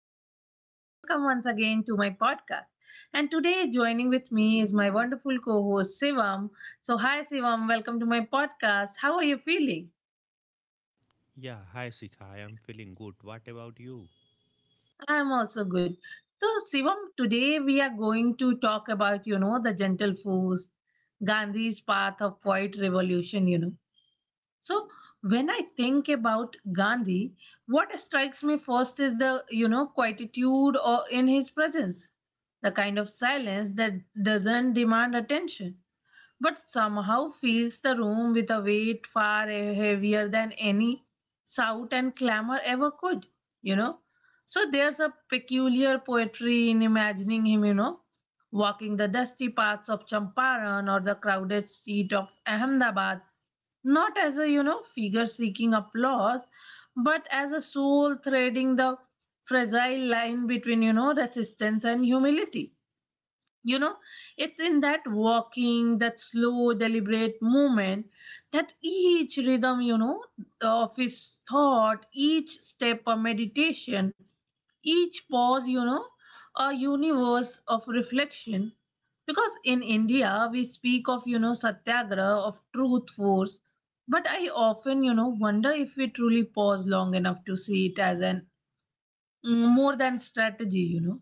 everyone, and welcome once again to my podcast. And today, joining with me is my wonderful co host Sivam. So, hi Sivam, welcome to my podcast. How are you feeling? Yeah, hi Sika, I am feeling good. What about you? I am also good. So, Sivam, today we are going to talk about, the gentle force, Gandhi's path of quiet revolution. So when I think about Gandhi, what strikes me first is the quietude or in his presence, the kind of silence that doesn't demand attention but somehow fills the room with a weight far heavier than any shout and clamor ever could, you know. So there's a peculiar poetry in imagining him, walking the dusty paths of Champaran or the crowded street of Ahmedabad, not as a, figure seeking applause, but as a soul threading the fragile line between, resistance and humility. you know it's in that walking, that slow deliberate movement, that each rhythm of his thought, each step a meditation, each pause a universe of reflection, because in India we speak of satyagraha, of truth force, but I often wonder if we truly pause long enough to see it as an more than strategy,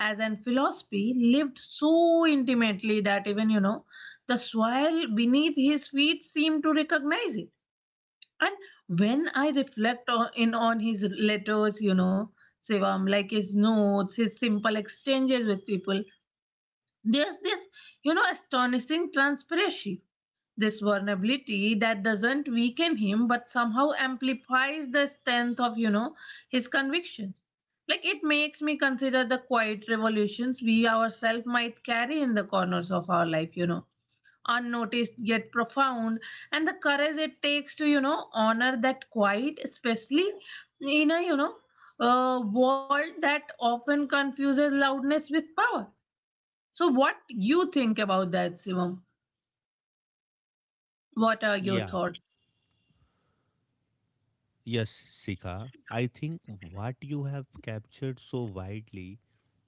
as an philosophy lived so intimately that even, the soil beneath his feet seemed to recognize it. And when I reflect on his letters, Sivam, like his notes, his simple exchanges with people, there's this, astonishing transparency, this vulnerability that doesn't weaken him but somehow amplifies the strength of, his convictions. Like it makes me consider the quiet revolutions we ourselves might carry in the corners of our life, unnoticed yet profound, and the courage it takes to, honor that quiet, especially in a world that often confuses loudness with power. So, what you think about that, Simon? What are your Yeah, thoughts? yes, Sika. I think what you have captured so widely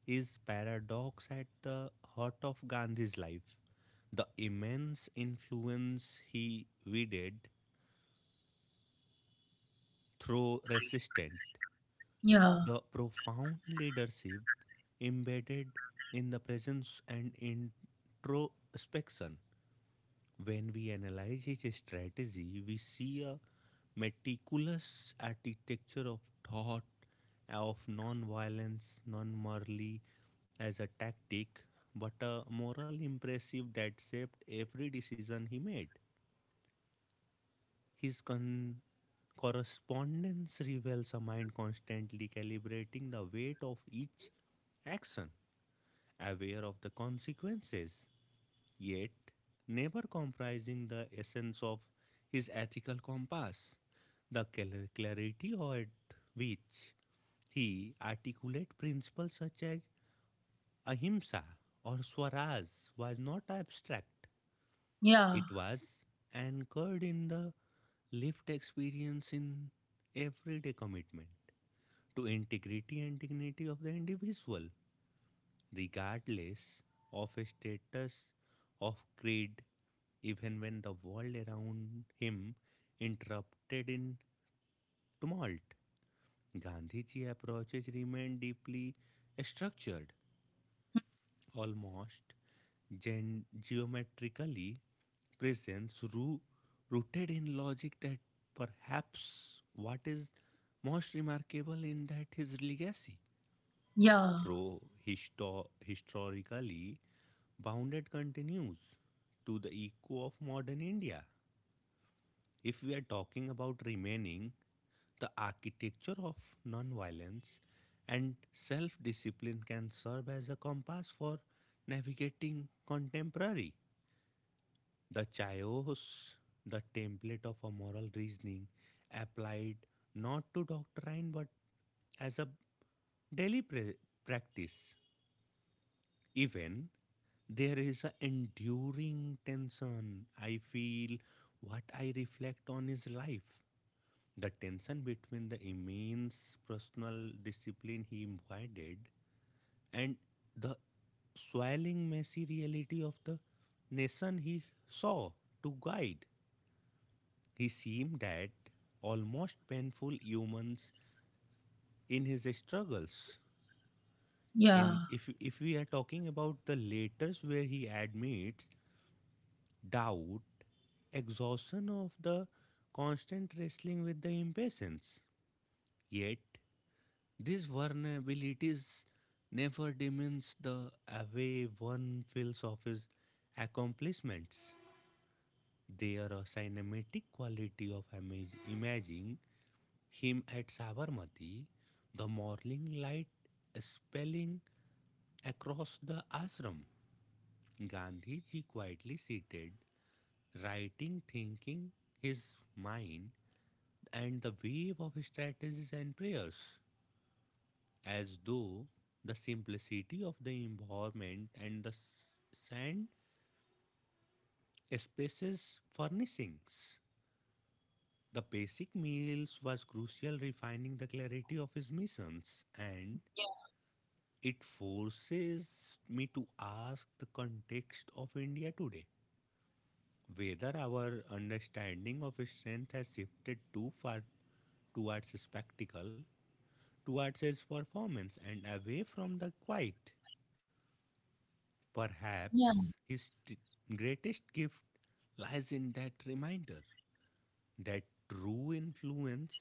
is paradox at the heart of Gandhi's life. The immense influence he wielded through resistance, Yeah. the profound leadership embedded in the presence and introspection. When we analyze his strategy, we see a meticulous architecture of thought, of non violence, non merely as a tactic, but a moral impressive that shaped every decision he made. His con- Correspondence reveals a mind constantly calibrating the weight of each action, aware of the consequences yet never comprising the essence of his ethical compass, the clarity at which he articulated principles such as ahimsa or swaraj was not abstract. Yeah, It was anchored in the lived experience, in everyday commitment to integrity and dignity of the individual, regardless of status, of creed, even when the world around him interrupted in tumult. Gandhiji's approaches remained deeply structured, almost geometrically present, rooted in logic that perhaps what is most remarkable in that his legacy, yeah, though historically bounded, continues to the echo of modern India. If we are talking about remaining, the architecture of nonviolence and self discipline can serve as a compass for navigating contemporary. The chaos, the template of a moral reasoning, applied not to doctrine but as a daily practice. Even there is an enduring tension. I feel what I reflect on is life, the tension between the immense personal discipline he embodied and the swelling messy reality of the nation he saw to guide. He seemed at almost painful humans in his struggles. yeah, In if we are talking about the letters where he admits doubt, exhaustion of the constant wrestling with the impatience. Yet these vulnerabilities never diminish the way one feels of his accomplishments. They are a cinematic quality of imagining him at Sabarmati, the morning light spelling across the ashram. Gandhiji quietly seated, writing, thinking his mind, and the wave of strategies and prayers, as though the simplicity of the environment and the sand spaces furnishings. The basic meals was crucial refining the clarity of his missions, and it forces me to ask the context of India today, whether our understanding of strength has shifted too far towards spectacle, towards his performance and away from the quiet. yeah. Perhaps his greatest gift lies in that reminder that true influence,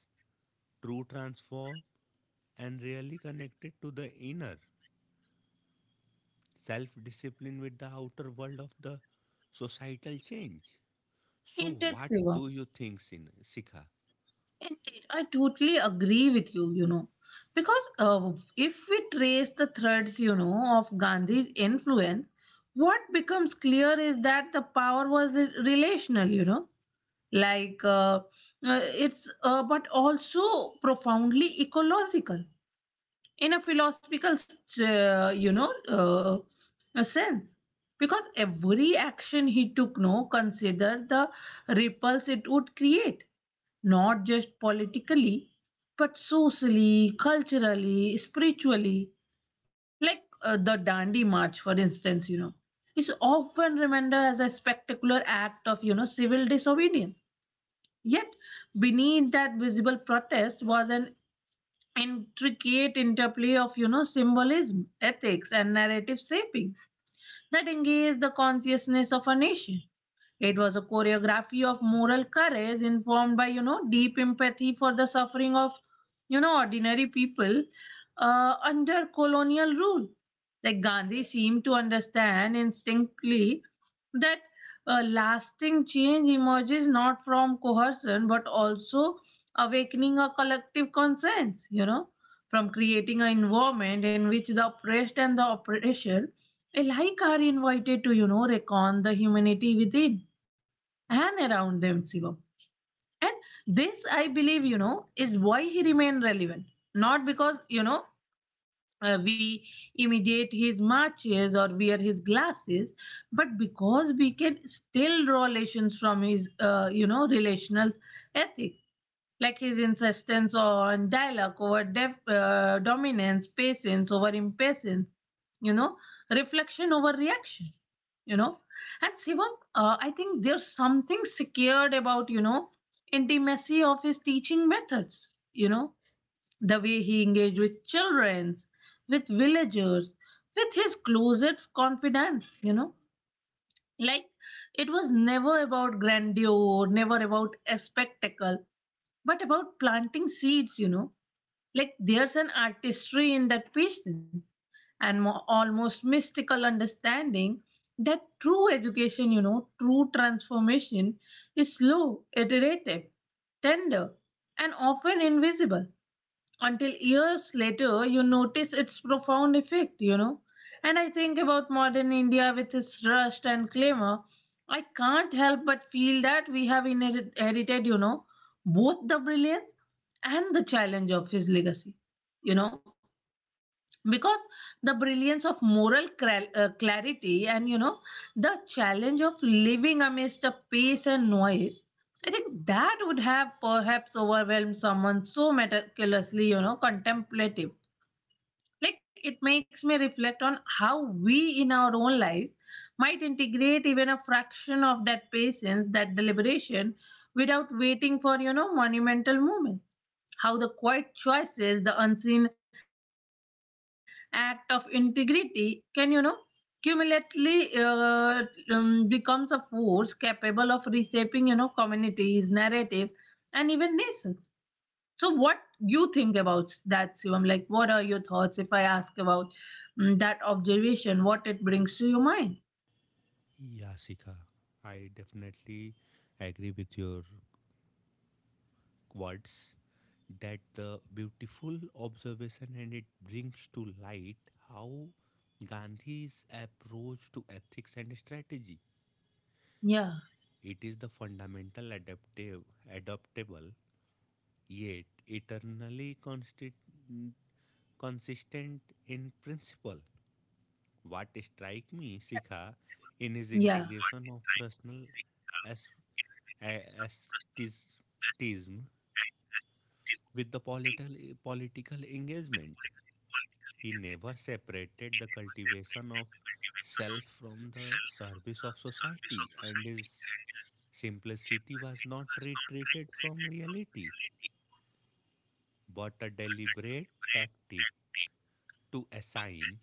true transform, and really connected to the inner self discipline with the outer world of the societal change. So, Indeed, what Shivam. do you think, Sikha? Indeed, I totally agree with you, you know. Because if we trace the threads, of Gandhi's influence, what becomes clear is that the power was relational. Like, but also profoundly ecological, in a philosophical uh, you know uh, a sense, because every action he took no considered the ripples it would create, not just politically but socially, culturally, spiritually. Like the dandi march, for instance, you know, is often remembered as a spectacular act of civil disobedience, yet beneath that visible protest was an intricate interplay of symbolism, ethics, and narrative shaping that engage the consciousness of a nation. It was a choreography of moral courage, informed by, deep empathy for the suffering of, ordinary people under colonial rule. Like Gandhi seemed to understand instinctively that lasting change emerges not from coercion but also awakening a collective conscience, from creating an environment in which the oppressed and the oppressor like are invited to, recon the humanity within and around them, Shivam. And this, I believe, is why he remained relevant. Not because, we imitate his marches or wear his glasses, but because we can still draw lessons from his relational ethics, like his insistence on dialogue over dominance, patience over impatience, you know, reflection over reaction, you know. And Sivam, I think there's something secured about, intimacy of his teaching methods. The way he engaged with children, with villagers, with his closest confidants. Like, it was never about grandeur, never about a spectacle, but about planting seeds. Like, there's an artistry in that patience and almost mystical understanding that true education, true transformation is slow, iterative, tender, and often invisible until years later you notice its profound effect and I think about modern India with its rust and clamor. I can't help but feel that we have inherited both the brilliance and the challenge of his legacy. You know, because the brilliance of moral clarity and, the challenge of living amidst the pace and noise, I think that would have perhaps overwhelmed someone so meticulously, contemplative. Like it makes me reflect on how we in our own lives might integrate even a fraction of that patience, that deliberation, without waiting for, monumental moment. How the quiet choices, the unseen act of integrity can, cumulatively becomes a force capable of reshaping, communities, narratives, and even nations. So what you think about that, Shivam? Like, what are your thoughts if I ask about that observation? What it brings to your mind? Yeah, Sikha. I definitely agree with your words that the beautiful observation, and it brings to light how Gandhi's approach to ethics and strategy. Yeah, It is the fundamental adaptive, adaptable, yet eternally constant, consistent yeah, in principle. What strike me, Sikha, in his yeah. integration of personal as ascetism with the political engagement. He never separated the cultivation of self from the service of society, and his simplicity was not retreated from reality, but a deliberate tactic to assign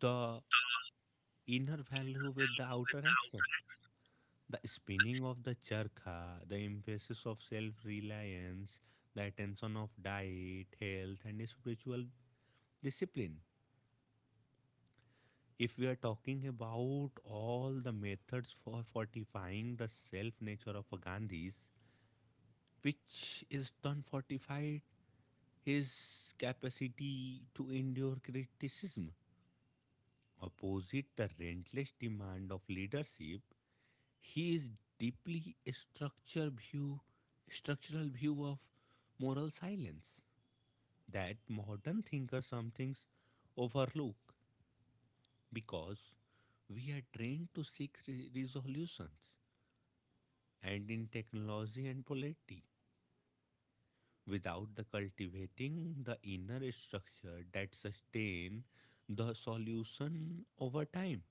the inner value with the outer action. The spinning of the charkha, the emphasis of self reliance, the attention of diet, health, and spiritual discipline. If we are talking about all the methods for fortifying the self nature of a Gandhi's, which is done fortified his capacity to endure criticism. Opposite the relentless demand of leadership, he is deeply a structural view of moral silence that modern thinkers sometimes overlook, because we are trained to seek resolutions and in technology and polity without the cultivating the inner structure that sustain the solution over time.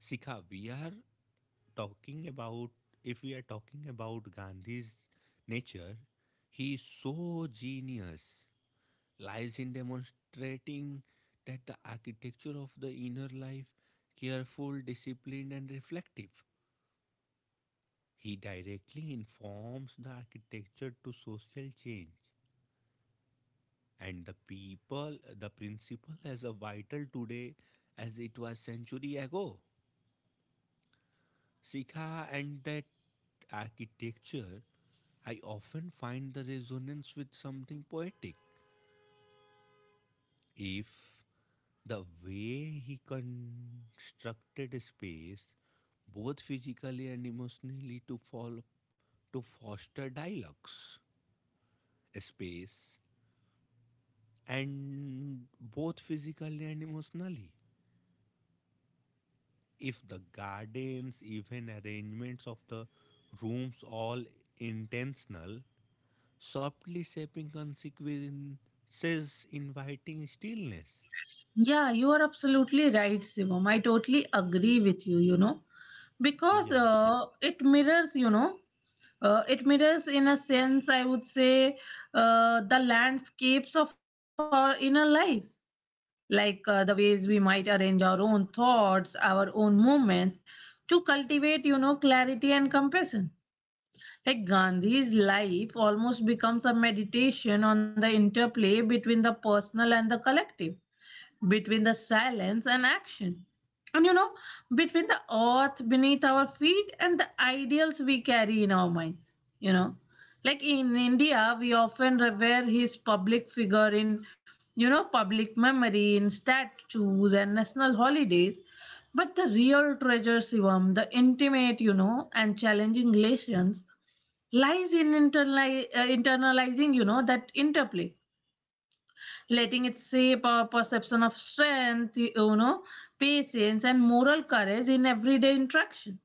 Sika, we are talking about, if we are talking about Gandhi's nature, he is so genius lies in demonstrating that the architecture of the inner life careful, disciplined and reflective. He directly informs the architecture to social change and the people, the principle as a vital today as it was century ago. Sikha, and that architecture, I often find the resonance with something poetic. If the way he constructed space, both physically and emotionally, to to foster dialogues, space and both physically and emotionally, if the gardens even arrangements of the rooms all intentional, softly shaping consequences inviting stillness. Yeah, you are absolutely right, Shivam. I totally agree with you, because Yeah. It mirrors, it mirrors in a sense, I would say, the landscapes of our inner lives, like the ways we might arrange our own thoughts, our own movement to cultivate, clarity and compassion. Like Gandhi's life almost becomes a meditation on the interplay between the personal and the collective, between the silence and action. And, between the earth beneath our feet and the ideals we carry in our mind. You know, like in India, we often revere his public figure in, public memory, in statues and national holidays. But the real treasure, Shivam, the intimate, and challenging relations lies in internalizing, that interplay, letting it shape our perception of strength, patience, and moral courage in everyday interaction.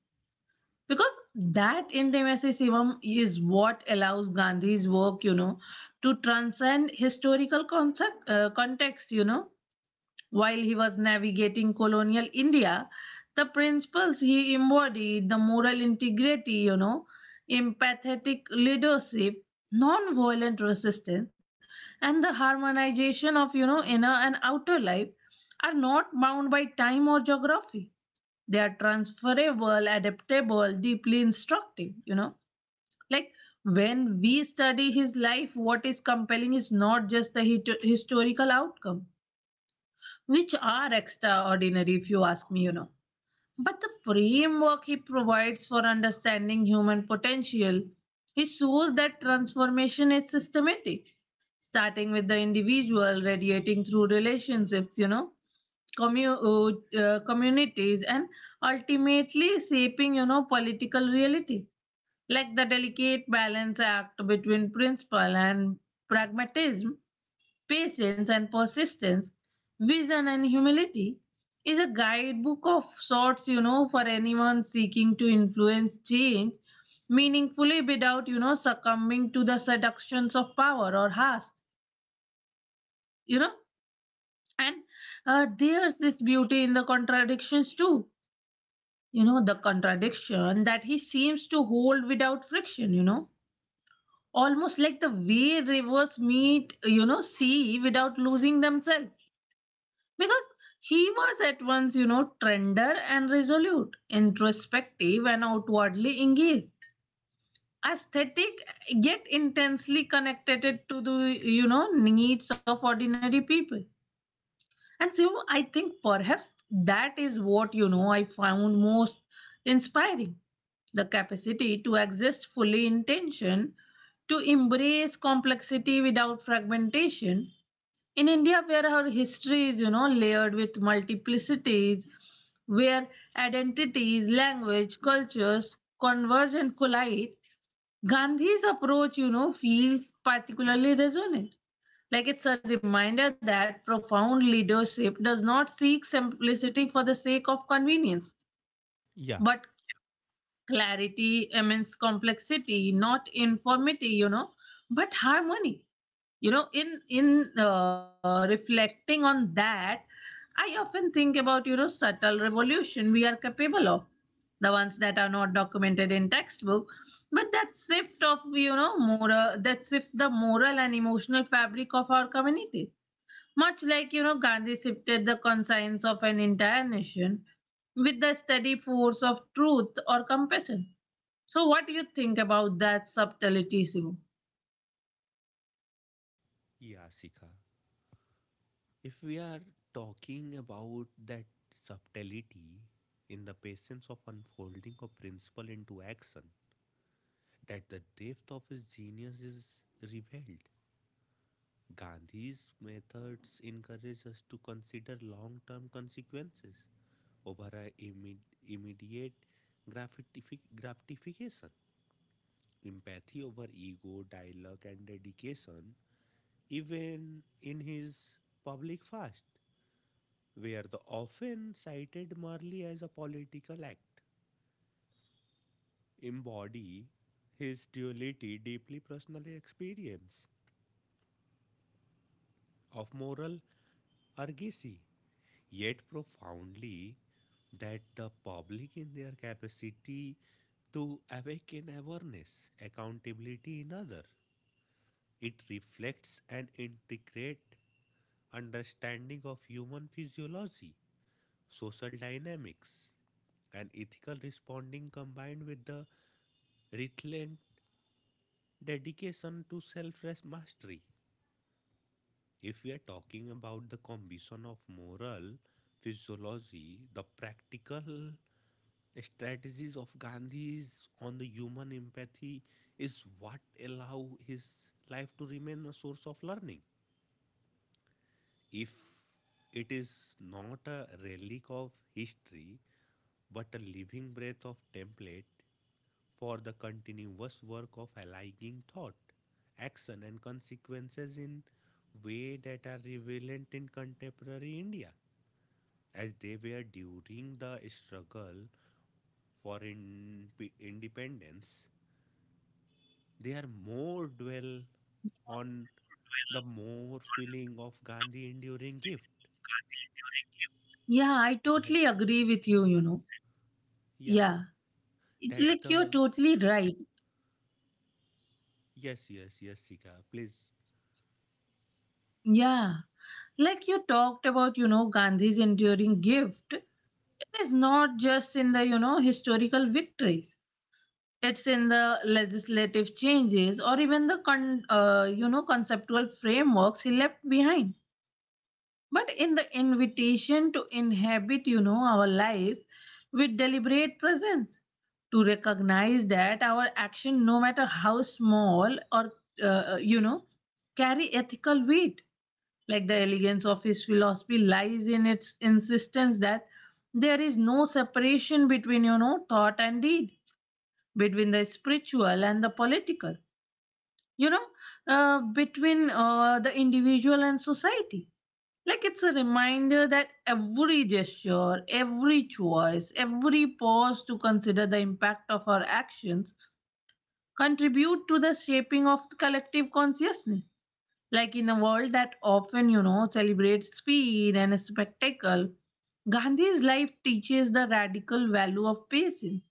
Because that intimacy, Shivam, is what allows Gandhi's work, to transcend historical context. While he was navigating colonial India, the principles he embodied, the moral integrity, empathetic leadership, non-violent resistance, and the harmonization of, inner and outer life are not bound by time or geography. They are transferable, adaptable, deeply instructive. Like when we study his life, what is compelling is not just the historical outcome, which are extraordinary if you ask me. But the framework he provides for understanding human potential, he shows that transformation is systematic, starting with the individual, radiating through relationships, communities, and ultimately shaping, political reality. Like the delicate balance act between principle and pragmatism, patience and persistence, vision and humility is a guidebook of sorts, for anyone seeking to influence change meaningfully without, succumbing to the seductions of power or haste, you know. And there's this beauty in the contradictions too, the contradiction that he seems to hold without friction, almost like the way rivers meet, sea without losing themselves, because he was at once, tender and resolute, introspective and outwardly engaged, aesthetic yet intensely connected to the, needs of ordinary people. And so I think perhaps that is what, I found most inspiring, the capacity to exist fully in tension, to embrace complexity without fragmentation. In India, where our history is, layered with multiplicities, where identities, language, cultures converge and collide, Gandhi's approach, feels particularly resonant. Like it's a reminder that profound leadership does not seek simplicity for the sake of convenience, Yeah. but clarity, immense complexity, not informity, but harmony. In reflecting on that, I often think about subtle revolution we are capable of, the ones that are not documented in textbook, but that shift the moral and emotional fabric of our community, much like Gandhi shifted the conscience of an entire nation with the steady force of truth or compassion. So what do you think about that subtlety, Shivam? Yeah, Sikha, if we are talking about that subtlety in the patience of unfolding of principle into action, that the depth of his genius is revealed. Gandhi's methods encourage us to consider long term consequences over a immediate gratification. Empathy over ego, dialogue, and dedication, even in his public fast, were the often cited merely as a political act, embody his duality, deeply personal experience of moral urgency yet profoundly that the public in their capacity to awaken awareness accountability in other. It reflects an integrate understanding of human physiology, social dynamics, and ethical responding combined with the relentless dedication to self mastery. If we are talking about the combination of moral physiology, the practical strategies of Gandhi's on the human empathy is what allow his life to remain a source of learning. If it is not a relic of history but a living breath of template for the continuous work of allying thought, action and consequences in way that are relevant in contemporary India as they were during the struggle for independence, they are more dwell on the more feeling of Gandhi enduring gift. Yeah, I That, totally agree with you, you know. yeah, Yeah, it's that like you're the, totally right. yes, yes, yes, Sika, please, Yeah, like you talked about, Gandhi's enduring gift. It is not just in the, historical victories. It's in the legislative changes or even the conceptual frameworks he left behind. But in the invitation to inhabit, our lives with deliberate presence, to recognize that our action, no matter how small or, uh, uh, you know, carry ethical weight. Like the elegance of his philosophy lies in its insistence that there is no separation between, thought and deed, between the spiritual and the political, you know, between the individual and society. Like it's a reminder that every gesture, every choice, every pause to consider the impact of our actions contribute to the shaping of collective consciousness. Like in a world that often, celebrates speed and spectacle, Gandhi's life teaches the radical value of patience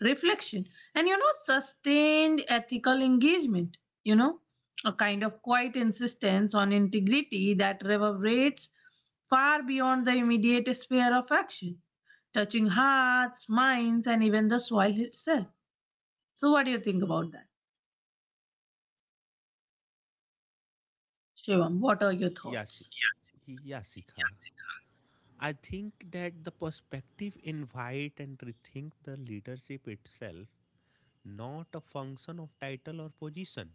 reflection, and sustained ethical engagement. You know, a kind of quiet insistence on integrity that reverberates far beyond the immediate sphere of action, touching hearts, minds, and even the soil itself. So, what do you think about that, Shivam? What are your yes, thoughts? yes, Sika. I think that the perspective invite and rethink the leadership itself, not a function of title or position,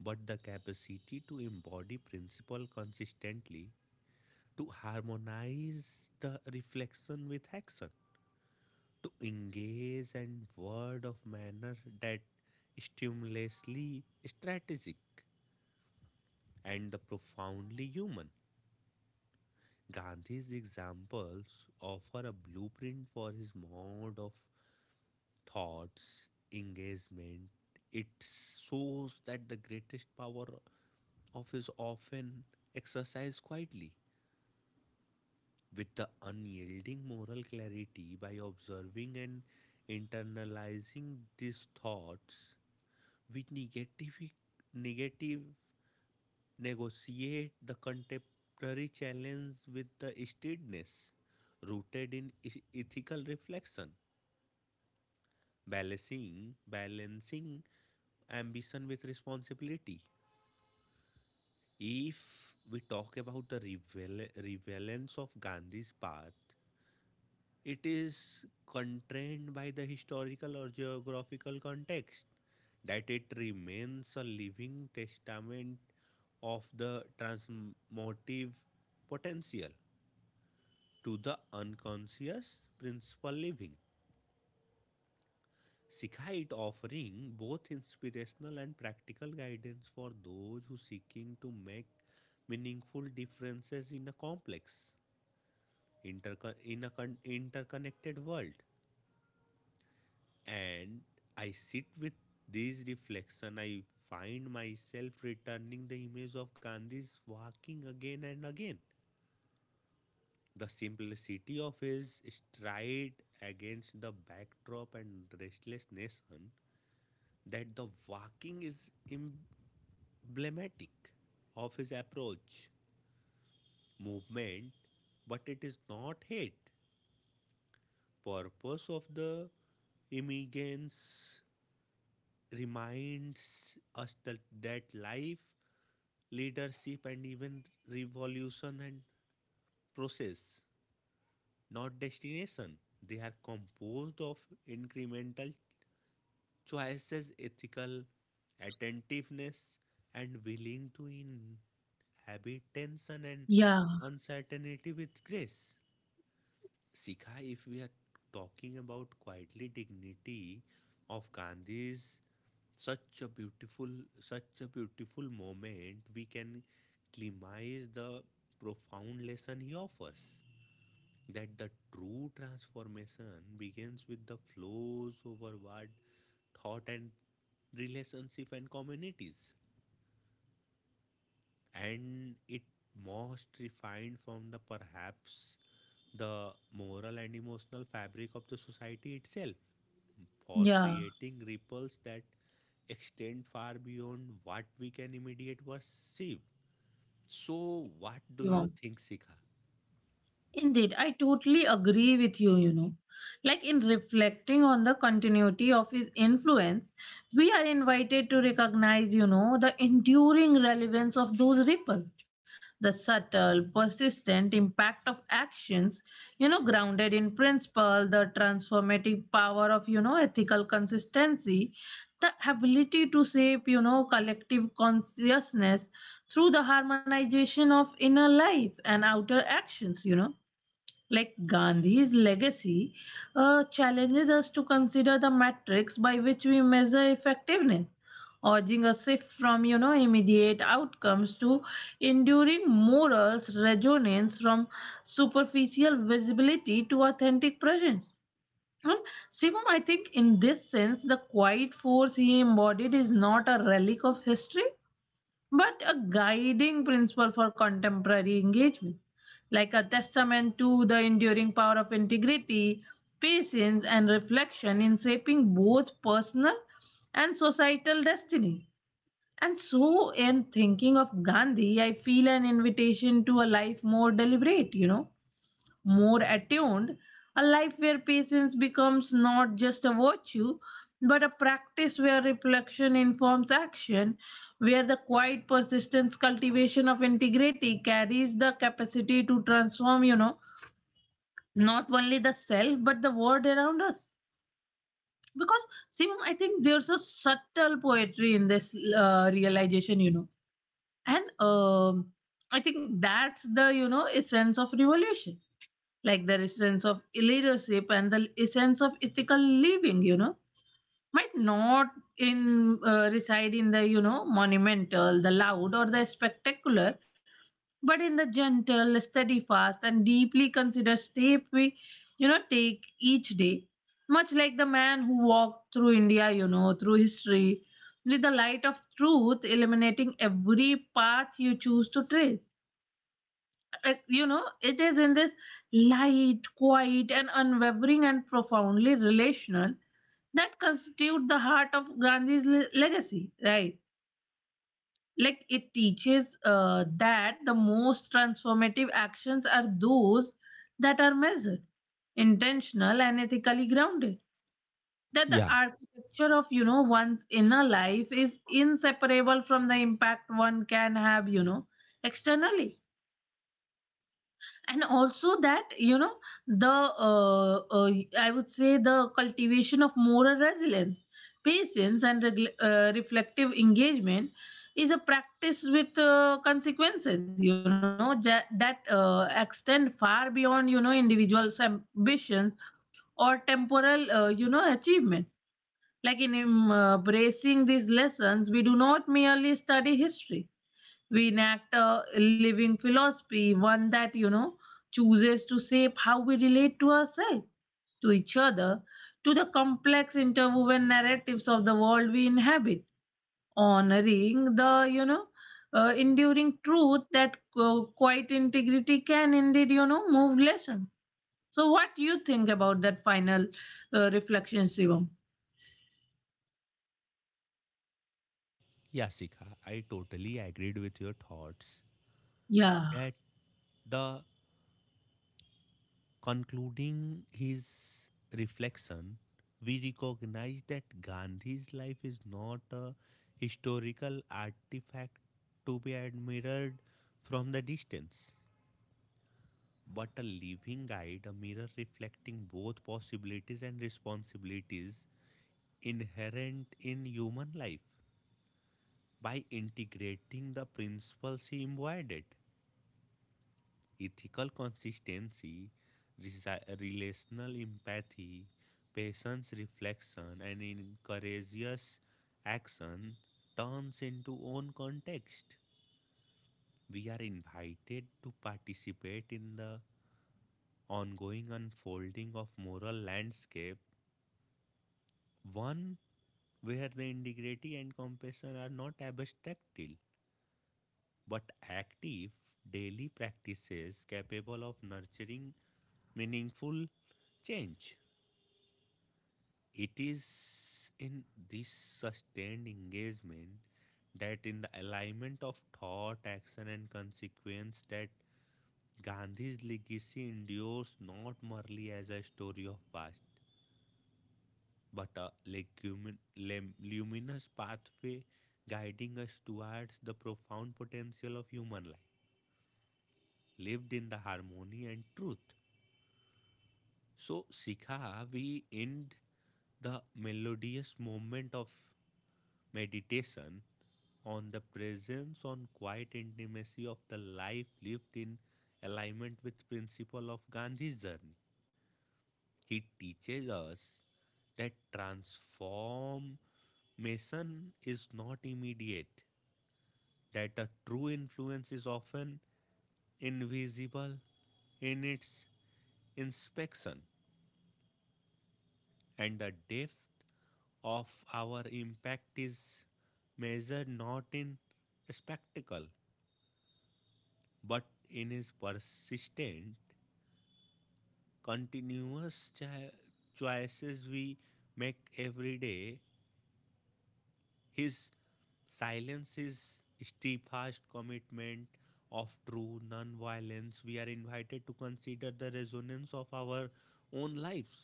but the capacity to embody principle consistently, to harmonize the reflection with action, to engage and word of manner that stimulously strategic and the profoundly human. Gandhi's examples offer a blueprint for his mode of thoughts, engagement. It shows that the greatest power of is often exercised quietly with the unyielding moral clarity. By observing and internalizing these thoughts, we negative, negative negotiate the contemporary challenge with the steadiness rooted in ethical reflection, balancing ambition with responsibility. If we talk about the relevance of Gandhi's path, it is constrained by the historical or geographical context that it remains a living testament of the transmotive potential to the unconscious principle living. Sikha, it offering both inspirational and practical guidance for those who seeking to make meaningful differences in a complex interconnected world. And I sit with this reflection, I find myself returning the image of Gandhi's walking again and again. The simplicity of his stride against the backdrop and restlessness, that the walking is emblematic of his approach, movement, but it is not hate. Purpose of the immigrants reminds us that, that life, leadership, and even revolution and process, not destination. They are composed of incremental choices, ethical attentiveness, and willing to inhabit tension and Yeah, uncertainty with grace. Sikha, if we are talking about quietly dignity of Gandhi's, such a beautiful such a beautiful moment, we can climax the profound lesson he offers, that the true transformation begins with the flows overward thought and relationship and communities, and it most refined from the perhaps the moral and emotional fabric of the society itself, for yeah, creating ripples that extend far beyond what we can immediate perceive. So what do you Shivam. think, Sikha? Indeed, I totally agree with you, you know. Like in reflecting on the continuity of his influence, we are invited to recognize, the enduring relevance of those ripples, the subtle, persistent impact of actions, grounded in principle, the transformative power of, ethical consistency, the ability to shape, collective consciousness through the harmonization of inner life and outer actions like Gandhi's legacy challenges us to consider the metrics by which we measure effectiveness, urging a shift from immediate outcomes to enduring morals resonance, from superficial visibility to authentic presence. And Shivam, I think in this sense, the quiet force he embodied is not a relic of history but a guiding principle for contemporary engagement, like a testament to the enduring power of integrity, patience, and reflection in shaping both personal and societal destiny. And so, in thinking of Gandhi, I feel an invitation to a life more deliberate, more attuned, a life where patience becomes not just a virtue, but a practice where reflection informs action, where the quiet persistence cultivation of integrity carries the capacity to transform, not only the self, but the world around us. Because, Sim, I think there's a subtle poetry in this realization, And I think that's the, essence of revolution like the sense of leadership and the essence of ethical living might not in reside in the monumental the loud or the spectacular but in the gentle steadfast and deeply considered step we take each day much like the man who walked through India through history with the light of truth illuminating every path you choose to tread it is in this light quiet and unwavering and profoundly relational that constitute the heart of Gandhi's legacy right like it teaches that the most transformative actions are those that are measured intentional and ethically grounded that the Yeah. architecture of one's inner life is inseparable from the impact one can have externally and also that the uh, uh, I would say the cultivation of moral resilience patience and regl reflective engagement is a practice with consequences that extend far beyond individuals ambitions or temporal achievement like in embracing these lessons we do not merely study history we enact a living philosophy, one that, chooses to shape how we relate to ourselves, to each other, to the complex interwoven narratives of the world we inhabit, honoring the, enduring truth that quite integrity can indeed, move lesson. So, what do you think about that final reflection, Shivam? Yeah, Sikha, I totally agreed with your thoughts. Yeah, At the concluding his reflection, we recognize that Gandhi's life is not a historical artifact to be admired from the distance, but a living guide, a mirror reflecting both possibilities and responsibilities inherent in human life. By integrating the principles he embodied, ethical consistency, relational empathy, patience reflection, and in courageous action turns into own context. We are invited to participate in the ongoing unfolding of moral landscape, one where the integrity and compassion are not abstractile but active daily practices capable of nurturing meaningful change. It is in this sustained engagement, that in the alignment of thought, action, and consequence, that Gandhi's legacy endures not merely as a story of past, but a luminous pathway guiding us towards the profound potential of human life, lived in the harmony and truth. So, Sikha, we end the melodious moment of meditation on the presence on quiet intimacy of the life lived in alignment with principle of Gandhi's journey. He teaches us that transformation is not immediate, that a true influence is often invisible in its inspection, and the depth of our impact is measured not in spectacle but in his persistent, continuous choices we make every day, his silence is steadfast commitment of true non-violence. We are invited to consider the resonance of our own lives.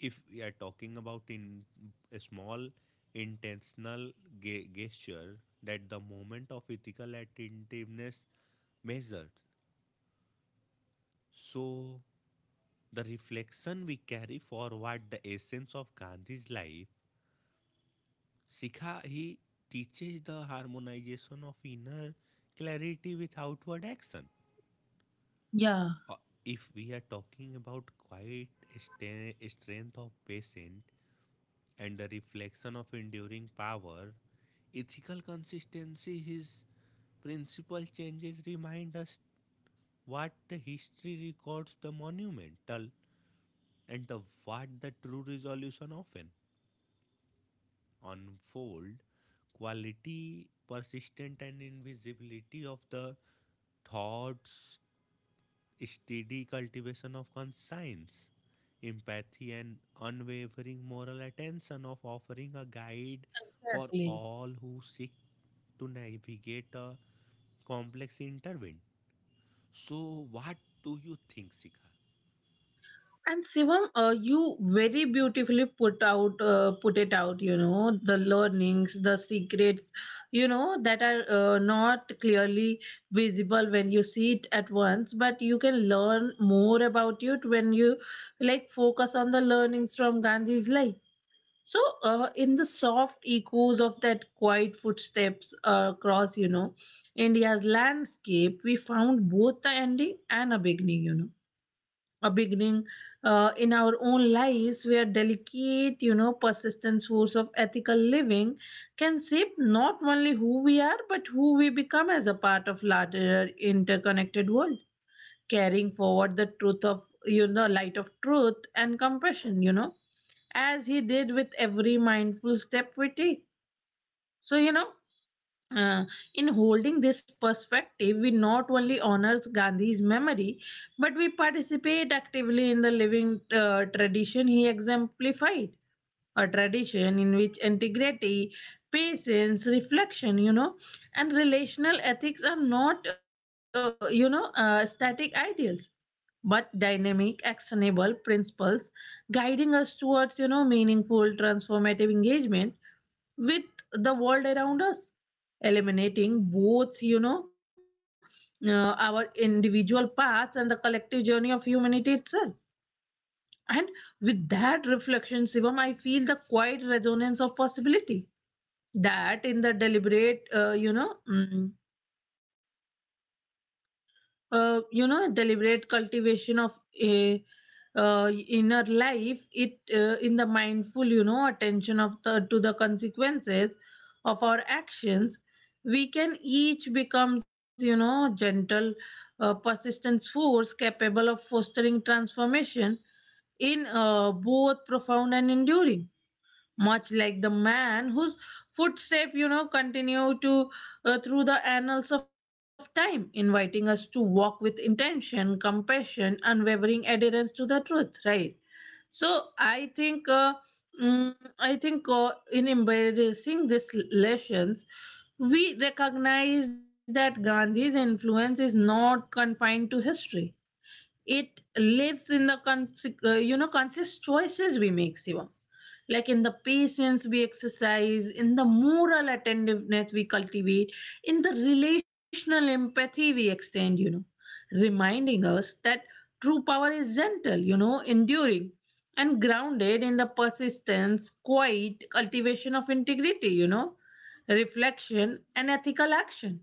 If we are talking about in a small intentional gesture, that the moment of ethical attentiveness measured. So, the reflection we carry forward the essence of Gandhi's life, Sikha, he teaches the harmonization of inner clarity with outward action. yeah, Uh, if we are talking about quiet strength of patient and the reflection of enduring power, ethical consistency, his principal changes remind us what the history records the monumental and the what the true resolution often unfold quality persistent and invisibility of the thoughts steady cultivation of conscience empathy and unwavering moral attention of offering a guide for exactly. all who seek to navigate a complex intervention. So what do you think, Sikha? And Shivam, you very beautifully put out, put it out. You know the learnings, the secrets, that are not clearly visible when you see it at once, but you can learn more about it when you like focus on the learnings from Gandhi's life. So, in the soft echoes of that quiet footsteps across, India's landscape, we found both the ending and a beginning. You know a beginning in our own lives where delicate persistent force of ethical living can shape not only who we are but who we become as a part of larger interconnected world carrying forward the truth of light of truth and compassion as he did with every mindful step we take so uh, in holding this perspective, we not only honors Gandhi's memory, but we participate actively in the living tradition he exemplified, a tradition in which integrity, patience, reflection, and relational ethics are not static ideals, but dynamic, actionable principles guiding us towards, meaningful, transformative engagement with the world around us, eliminating both, our individual paths and the collective journey of humanity itself. And with that reflection, Shivam, I feel the quiet resonance of possibility that in the deliberate deliberate cultivation of a inner life it in the mindful attention of the to the consequences of our actions we can each becomes gentle persistent force capable of fostering transformation in both profound and enduring much like the man whose footstep continue to through the annals of time inviting us to walk with intention compassion unwavering adherence to the truth right so I think mm, I think in embracing these lessons we recognize that Gandhi's influence is not confined to history it lives in the conscious choices we make Shivam. Like in the patience we exercise in the moral attentiveness we cultivate in the relational empathy we extend reminding us that true power is gentle enduring and grounded in the persistence quiet cultivation of integrity reflection and ethical action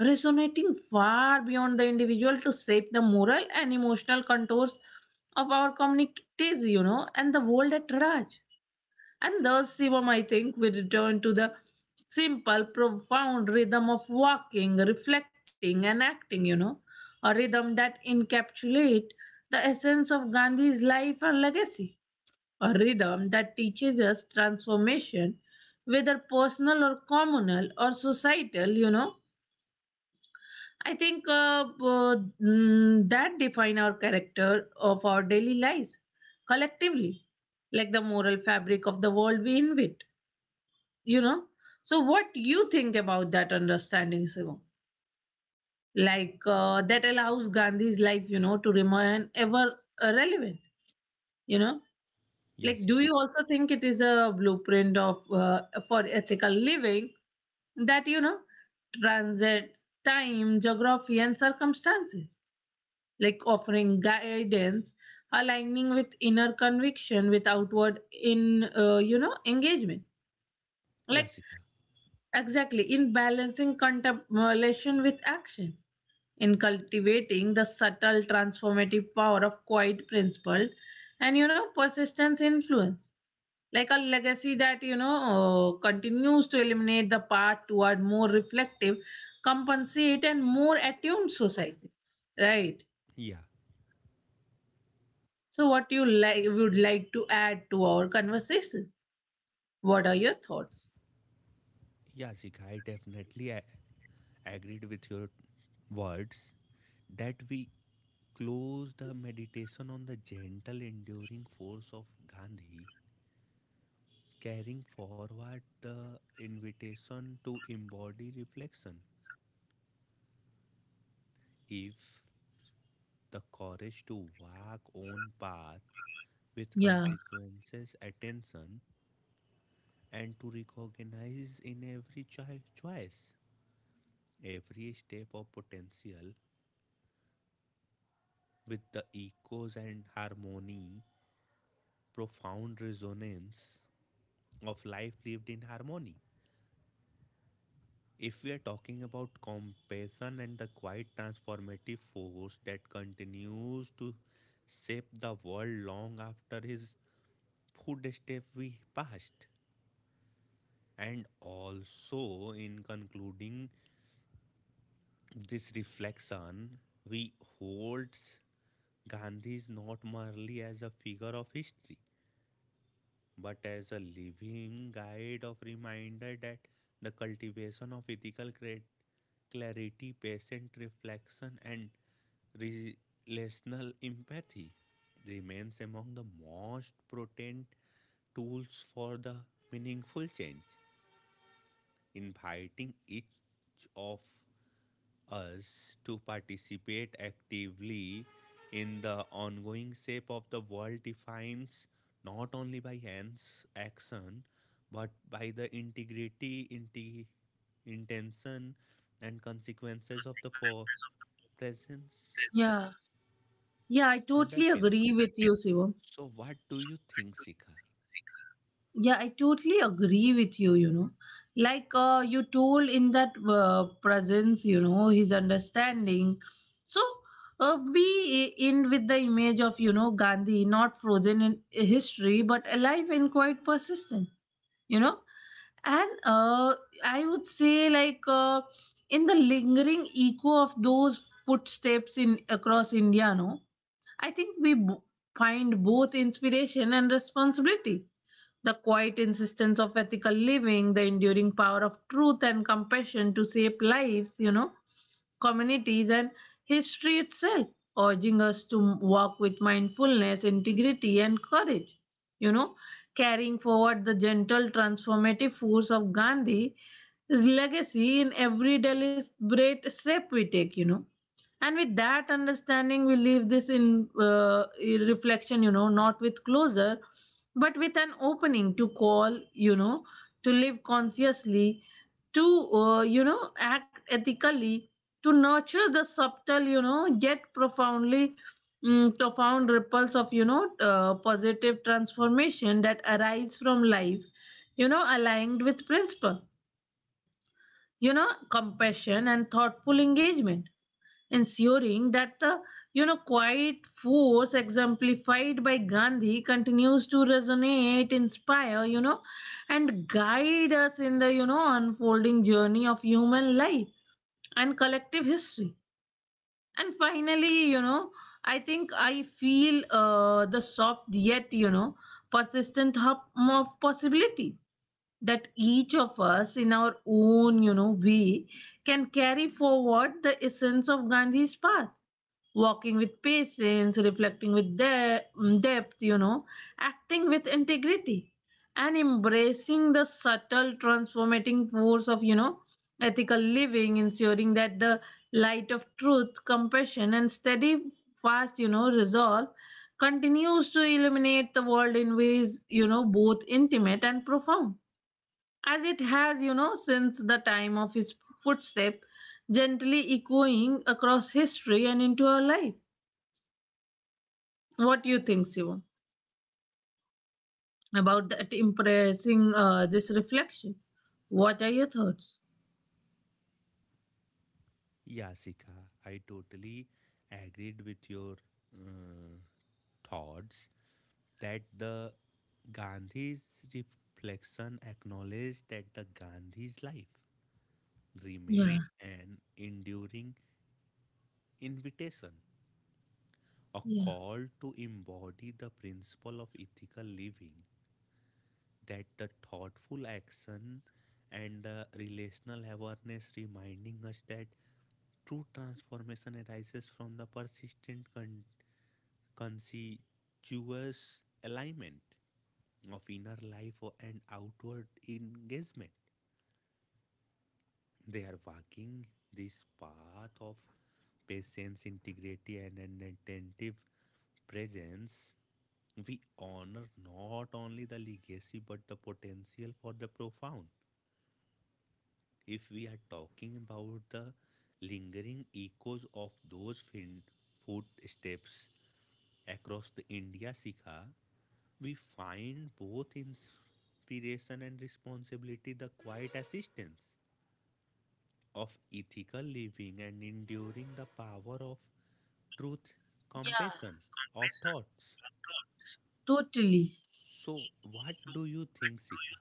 resonating far beyond the individual to shape the moral and emotional contours of our communities, and the world at large. And thus, Shivam, I think, we return to the simple, profound rhythm of walking, reflecting, and acting, a rhythm that encapsulates the essence of Gandhi's life and legacy, a rhythm that teaches us transformation, whether personal or communal or societal, I think that define our character of our daily lives collectively, like the moral fabric of the world we inhabit. You know. So, what do you think about that understanding, Shivam? Like that allows Gandhi's life, to remain ever relevant. You know, Yeah, like do Sikha. you also think it is a blueprint of for ethical living that transcends time, geography, and circumstances? Like offering guidance, aligning with inner conviction with outward in engagement. Yeah, Like Sikha. exactly in balancing contemplation with action, in cultivating the subtle transformative power of quiet principle, and persistence influence. Like a legacy that continues to eliminate the path toward more reflective, compensate, and more attuned society right. Yeah. So, what you like would like to add to our conversation? What are your thoughts? Yeah, Zika, I definitely agreed with your words that we close the meditation on the gentle, enduring force of Gandhi, carrying forward the invitation to embody reflection. If the courage to walk on path with Yeah, consequences, attention, and to recognize in every choice, every step of potential, with the echoes and harmony, profound resonance of life lived in harmony. If we are talking about compassion and the quiet transformative force that continues to shape the world long after his footsteps we passed. And also, in concluding this reflection, we hold Gandhi is not merely as a figure of history but as a living guide of reminder that the cultivation of ethical clarity, patient reflection, and relational empathy remains among the most potent tools for the meaningful change, inviting each of us to participate actively in the ongoing shape of the world defines not only by hands action but by the integrity intention and consequences of the presence yeah, yeah, I totally underpins. agree with you, Shivam. So what do you think, Sika? Yeah, I totally agree with you, you know. Like you told in that presence, his understanding. So we end with the image of, Gandhi, not frozen in history, but alive and quite persistent. You know and I would say like in the lingering echo of those footsteps in across India no I think find both inspiration and responsibility the quiet insistence of ethical living, the enduring power of truth and compassion to shape lives, communities, and history itself, urging us to walk with mindfulness, integrity, and courage. You know, carrying forward the gentle transformative force of Gandhi, his legacy in every deliberate step we take, and with that understanding we leave this in reflection not with closure but with an opening to call to live consciously to act ethically to nurture the subtle yet profoundly profound ripples of positive transformation that arise from life aligned with principle compassion and thoughtful engagement ensuring that the quiet force exemplified by Gandhi continues to resonate inspire and guide us in the unfolding journey of human life and collective history and finally I think I feel the soft yet persistent hum of possibility that each of us in our own way can carry forward the essence of Gandhi's path walking with patience, reflecting with depth, acting with integrity, and embracing the subtle transformating force of, ethical living, ensuring that the light of truth, compassion, and steady, fast, resolve continues to illuminate the world in ways, both intimate and profound. As it has, since the time of his footstep, gently echoing across history and into our life. What do you think, Shivam, about that impressing this reflection? What are your thoughts? Yeah, Sika, I totally agreed with your uh, thoughts that the Gandhi's reflection acknowledged that the Gandhi's life Yeah, remains an enduring invitation, a yeah, call to embody the principle of ethical living, that the thoughtful action and the relational awareness reminding us that true transformation arises from the persistent conspicuous alignment of inner life and outward engagement. They are walking this path of patience, integrity, and an attentive presence. We honor not only the legacy but the potential for the profound. If we are talking about the lingering echoes of those footsteps across the India, Sikha, we find both inspiration and responsibility the quiet assistance of ethical living and enduring the power of truth, yeah, compassion, of thoughts. totally. So, what do you think, Sika?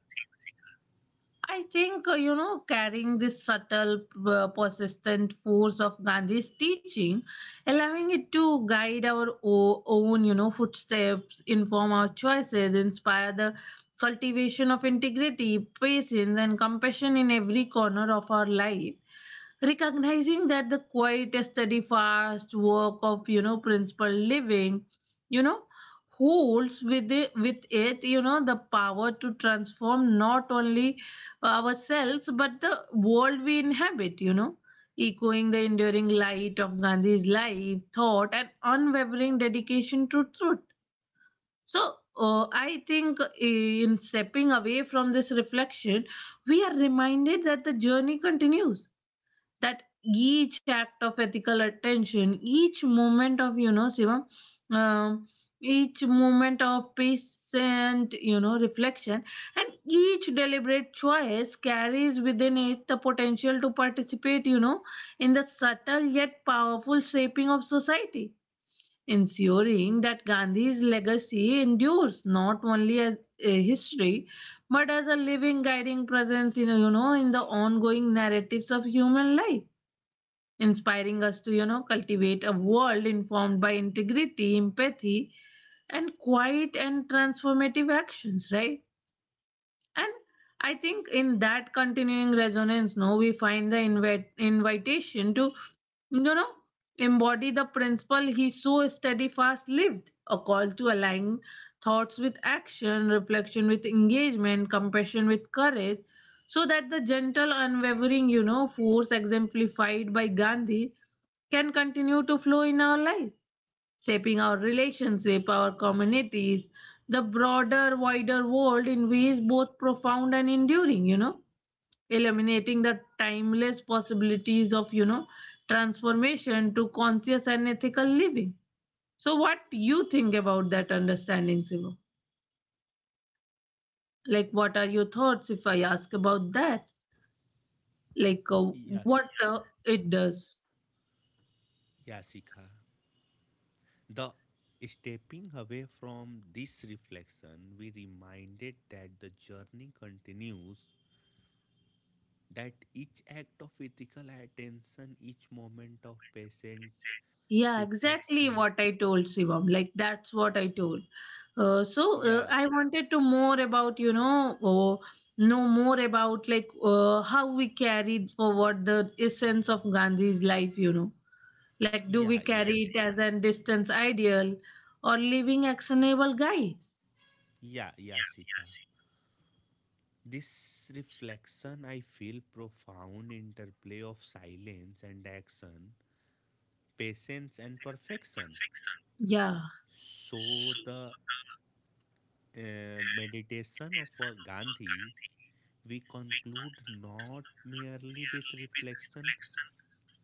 I think, you know, carrying this subtle, persistent force of Gandhi's teaching, allowing it to guide our own, you know, footsteps, inform our choices, inspire the cultivation of integrity, patience, and compassion in every corner of our life, recognizing that the quiet steady fast work of, you know, principal living, you know, holds with it, you know, the power to transform not only ourselves but the world we inhabit, you know, echoing the enduring light of Gandhi's life thought and unwavering dedication to truth. So I think in stepping away from this reflection we are reminded that the journey continues, that each act of ethical attention, each moment of, you know, Shivam, um, each moment of patient, you know, reflection, and each deliberate choice carries within it the potential to participate, you know, in the subtle yet powerful shaping of society, ensuring that Gandhi's legacy endures not only as a history but as a living guiding presence in, in the ongoing narratives of human life, inspiring us to, you know, cultivate a world informed by integrity, empathy, and quiet and transformative actions, right? And I think in that continuing resonance, no, we find the invitation to, you know, embody the principle he so steadfast lived, a call to align thoughts with action, reflection with engagement, compassion with courage, so that the gentle, unwavering, you know, force exemplified by Gandhi can continue to flow in our lives, shaping our relationship, our communities, the broader, wider world in ways both profound and enduring, you know, eliminating the timeless possibilities of, you know, transformation to conscious and ethical living. So what you think about that understanding, Siva? Like what are your thoughts if I ask about that? Like Yes, what it does? yes, Sika. The stepping away from this reflection, we reminded that the journey continues. That each act of ethical attention, each moment of patient Yeah, exactly reflection. what I told Shivam. Like that's what I told. So Yeah, I wanted to more about, know more about, like, how we carried forward the essence of Gandhi's life. You know, like do we yeah, yeah, carry it as an distance ideal or living actionable guides? yeah, Sika. This reflection, I feel profound interplay of silence and action, patience and perfection. Yeah, So, the meditation of Gandhi, we conclude not merely with reflection,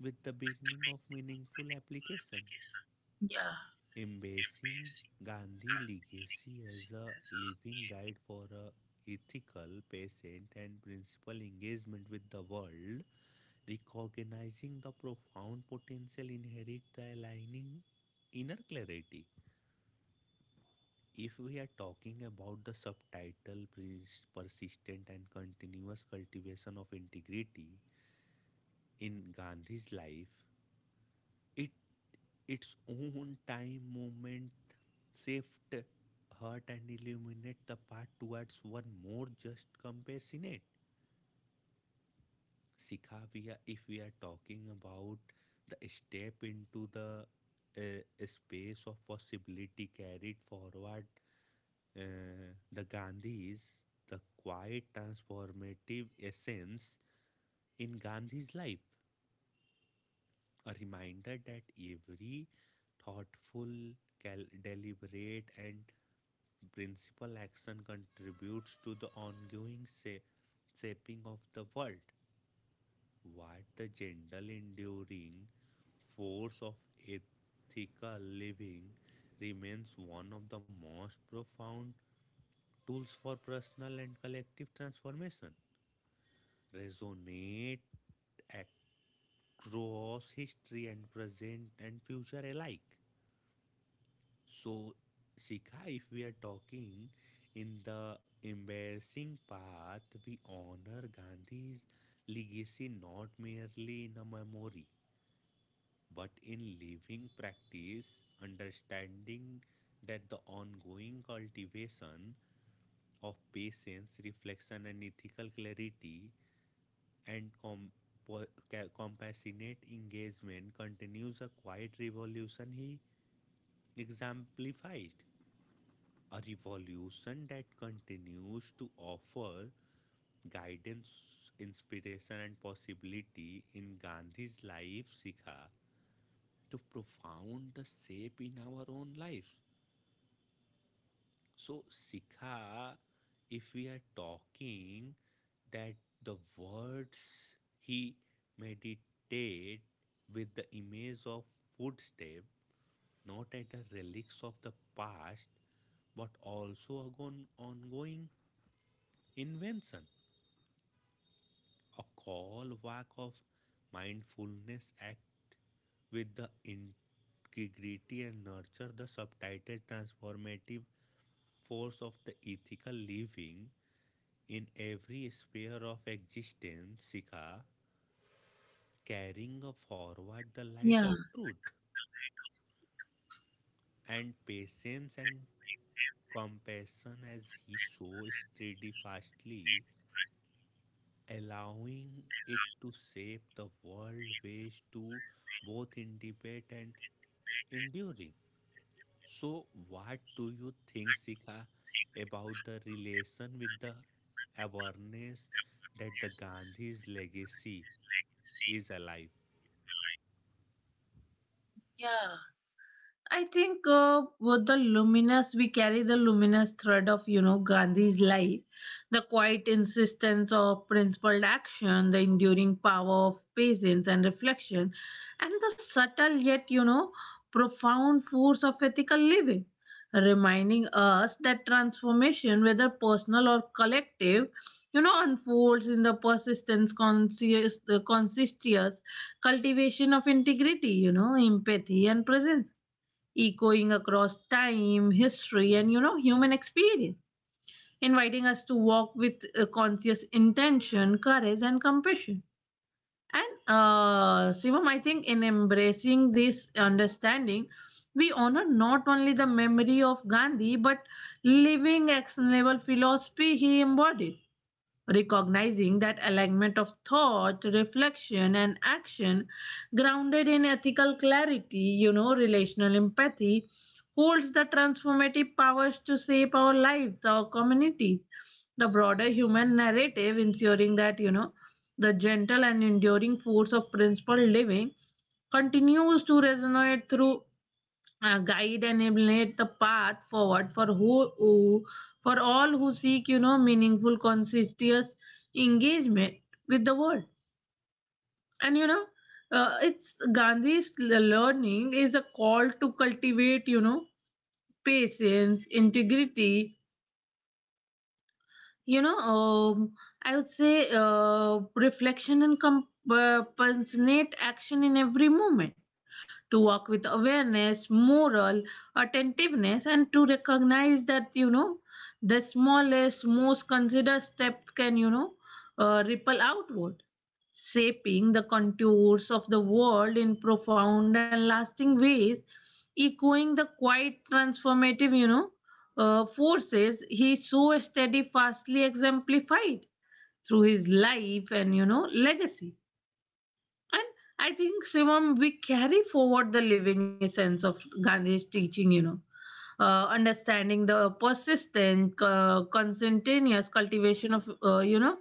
with the beginning of meaningful application. yeah, Embracing Gandhi's legacy as a living guide for a ethical, patient, and principled engagement with the world, recognizing the profound potential inherent the aligning inner clarity. If we are talking about the subtitle persistent and continuous cultivation of integrity in Gandhi's life, it its own time moment shift hurt and illuminate the path towards one more just compassionate. Sikha, we are if we are talking about the step into the space of possibility carried forward the Gandhi's the quiet transformative essence in Gandhi's life, a reminder that every thoughtful, deliberate, and principal action contributes to the ongoing shaping of the world. What the general enduring force of ethical living remains one of the most profound tools for personal and collective transformation. Resonate across history and present and future alike. So, Sika, if we are talking in the embarrassing path, we honor Gandhi's legacy not merely in a memory, but in living practice, understanding that the ongoing cultivation of patience, reflection, and ethical clarity and po- compassionate engagement continues a quiet revolution he exemplified. A revolution that continues to offer guidance, inspiration, and possibility in Gandhi's life, Sikha, to profound the shape in our own lives. So, Sikha, if we are talking that the words he meditate with the image of footstep, not at the relics of the past, but also a ongoing invention. A call walk of mindfulness act with the integrity and nurture the subtitled transformative force of the ethical living in every sphere of existence, Sikha, carrying forward the light of yeah, truth and patience and compassion as he so steadfastly allowing it to shape the world ways to both indicate and enduring. So, what do you think, Sika, about the relation with the awareness that the Gandhi's legacy is alive? yeah. I think, with the luminous, we carry the luminous thread of, you know, Gandhi's life, the quiet insistence of principled action, the enduring power of patience and reflection, and the subtle yet, you know, profound force of ethical living, reminding us that transformation, whether personal or collective, you know, unfolds in the persistence, conscious, the conscientious cultivation of integrity, you know, empathy and presence, echoing across time, history, and, you know, human experience, inviting us to walk with conscious intention, courage, and compassion. And Shivam, I think in embracing this understanding, we honor not only the memory of Gandhi but living actionable philosophy he embodied, recognizing that alignment of thought, reflection, and action, grounded in ethical clarity, you know, relational empathy, holds the transformative powers to shape our lives, our communities, the broader human narrative, ensuring that, you know, the gentle and enduring force of principled living continues to resonate through, guide and illuminate the path forward for who for all who seek, you know, meaningful conscientious engagement with the world. And, you know, it's Gandhi's learning is a call to cultivate, you know, patience, integrity, you know, I would say, reflection and compensate action in every moment, to walk with awareness, moral attentiveness, and to recognize that, you know, the smallest most considered steps can, you know, ripple outward, shaping the contours of the world in profound and lasting ways, echoing the quite transformative, you know, forces he so steadfastly exemplified through his life and, you know, legacy. And I think, Shivam, we carry forward the living essence of Gandhi's teaching, you know, understanding the persistent, conscientious cultivation of, you know,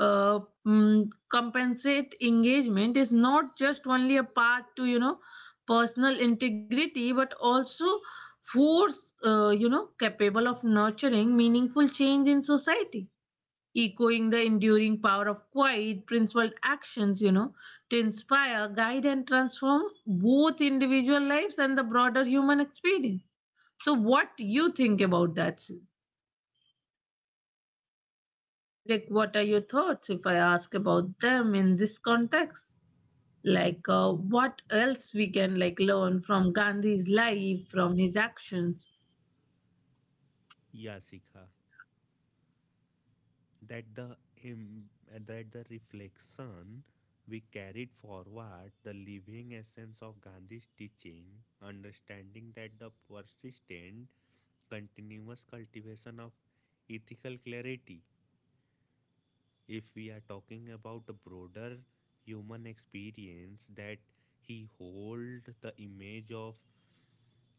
uh, compensate engagement is not just only a path to, you know, personal integrity, but also force, you know, capable of nurturing meaningful change in society, echoing the enduring power of quiet, principled actions, you know, to inspire, guide, and transform both individual lives and the broader human experience. So, what you think about that, Sid? Like, what are your thoughts if I ask about them in this context? Like, what else we can like learn from Gandhi's life, from his actions? Yeah, Sika, that the im- that the reflection we carried forward the living essence of Gandhi's teaching, understanding that the persistent, continuous cultivation of ethical clarity if we are talking about a broader human experience that he hold the image of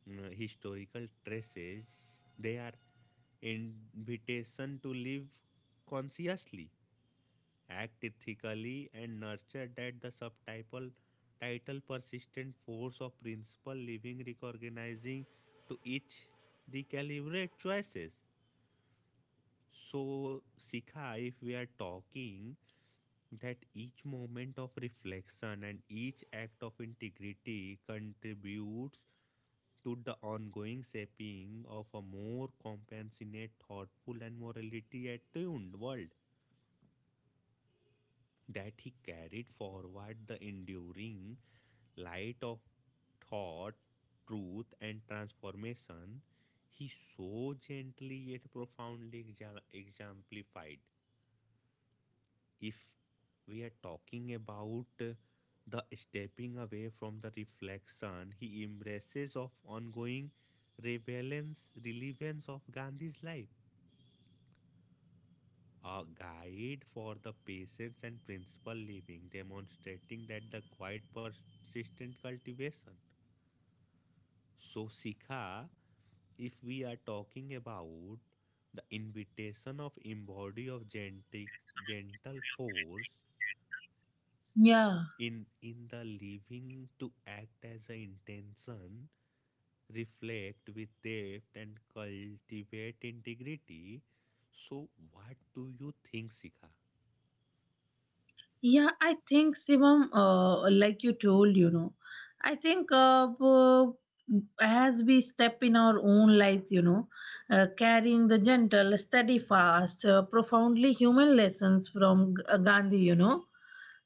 historical traces they are invitation to live consciously act ethically and nurture that the subtitle title persistent force of principle living recognizing to each recalibrate choices. So Sikha, if we are talking that each moment of reflection and each act of integrity contributes to the ongoing shaping of a more compassionate, thoughtful, and morality attuned world. That he carried forward the enduring light of thought, truth, and transformation, he so gently yet profoundly exemplified. If we are talking about the stepping away from the reflection he embraces of ongoing relevance, relevance of Gandhi's life, a guide for the patience and principle living, demonstrating that the quiet persistent cultivation. So, Sikha, if we are talking about the invitation of embody of gentle, gentle force Yeah. In the living to act as an intention reflect with depth and cultivate integrity. So what do you think, Sikha? Yeah, I think Shivam, like you told, you know, I think, as we step in our own lives, you know, carrying the gentle, steadfast, profoundly human lessons from Gandhi, you know,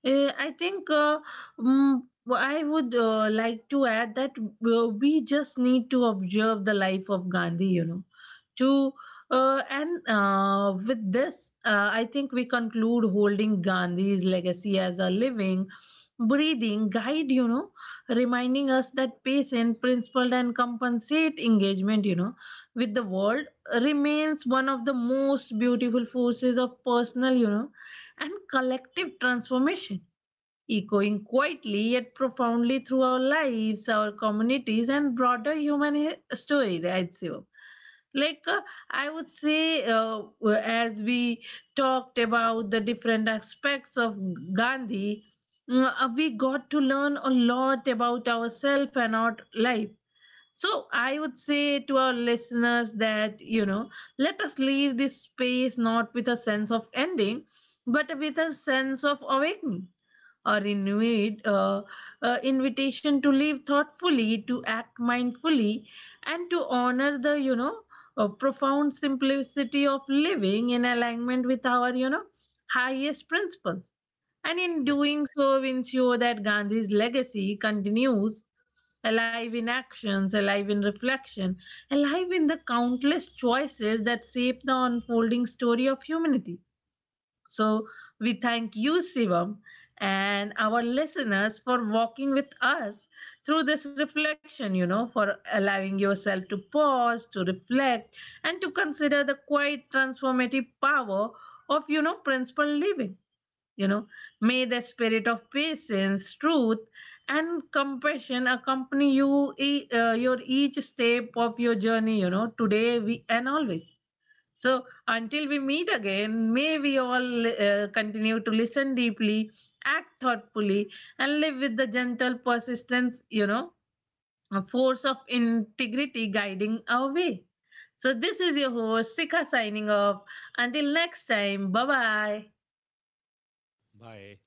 I think mm, I would, like to add that we just need to observe the life of Gandhi, you know, to and with this, I think we conclude holding Gandhi's legacy as a living, breathing guide, you know, reminding us that patient, principled, and compensate engagement, you know, with the world remains one of the most beautiful forces of personal, you know, and collective transformation, echoing quietly yet profoundly through our lives, our communities, and broader human story, right, Shivam? Like I would say, as we talked about the different aspects of Gandhi, we got to learn a lot about ourselves and our life. So I would say to our listeners that, you know, let us leave this space not with a sense of ending, but with a sense of awakening, a renewed invitation to live thoughtfully, to act mindfully, and to honor the, you know, profound simplicity of living in alignment with our, you know, highest principles, and in Yeah. doing so ensure that Gandhi's legacy continues alive in actions, alive in reflection, alive in the countless choices that shape the unfolding story of humanity. So we thank you, Shivam, and our listeners for walking with us through this reflection, you know, for allowing yourself to pause, to reflect, and to consider the quite transformative power of, you know, principled living. You know, may the spirit of patience, truth, and compassion accompany you your each step of your journey. You know, today we and always. So until we meet again, may we all continue to listen deeply, act thoughtfully, and live with the gentle persistence. You know, a force of integrity guiding our way. So this is your host Sika signing off. Until next time, bye bye. Bye.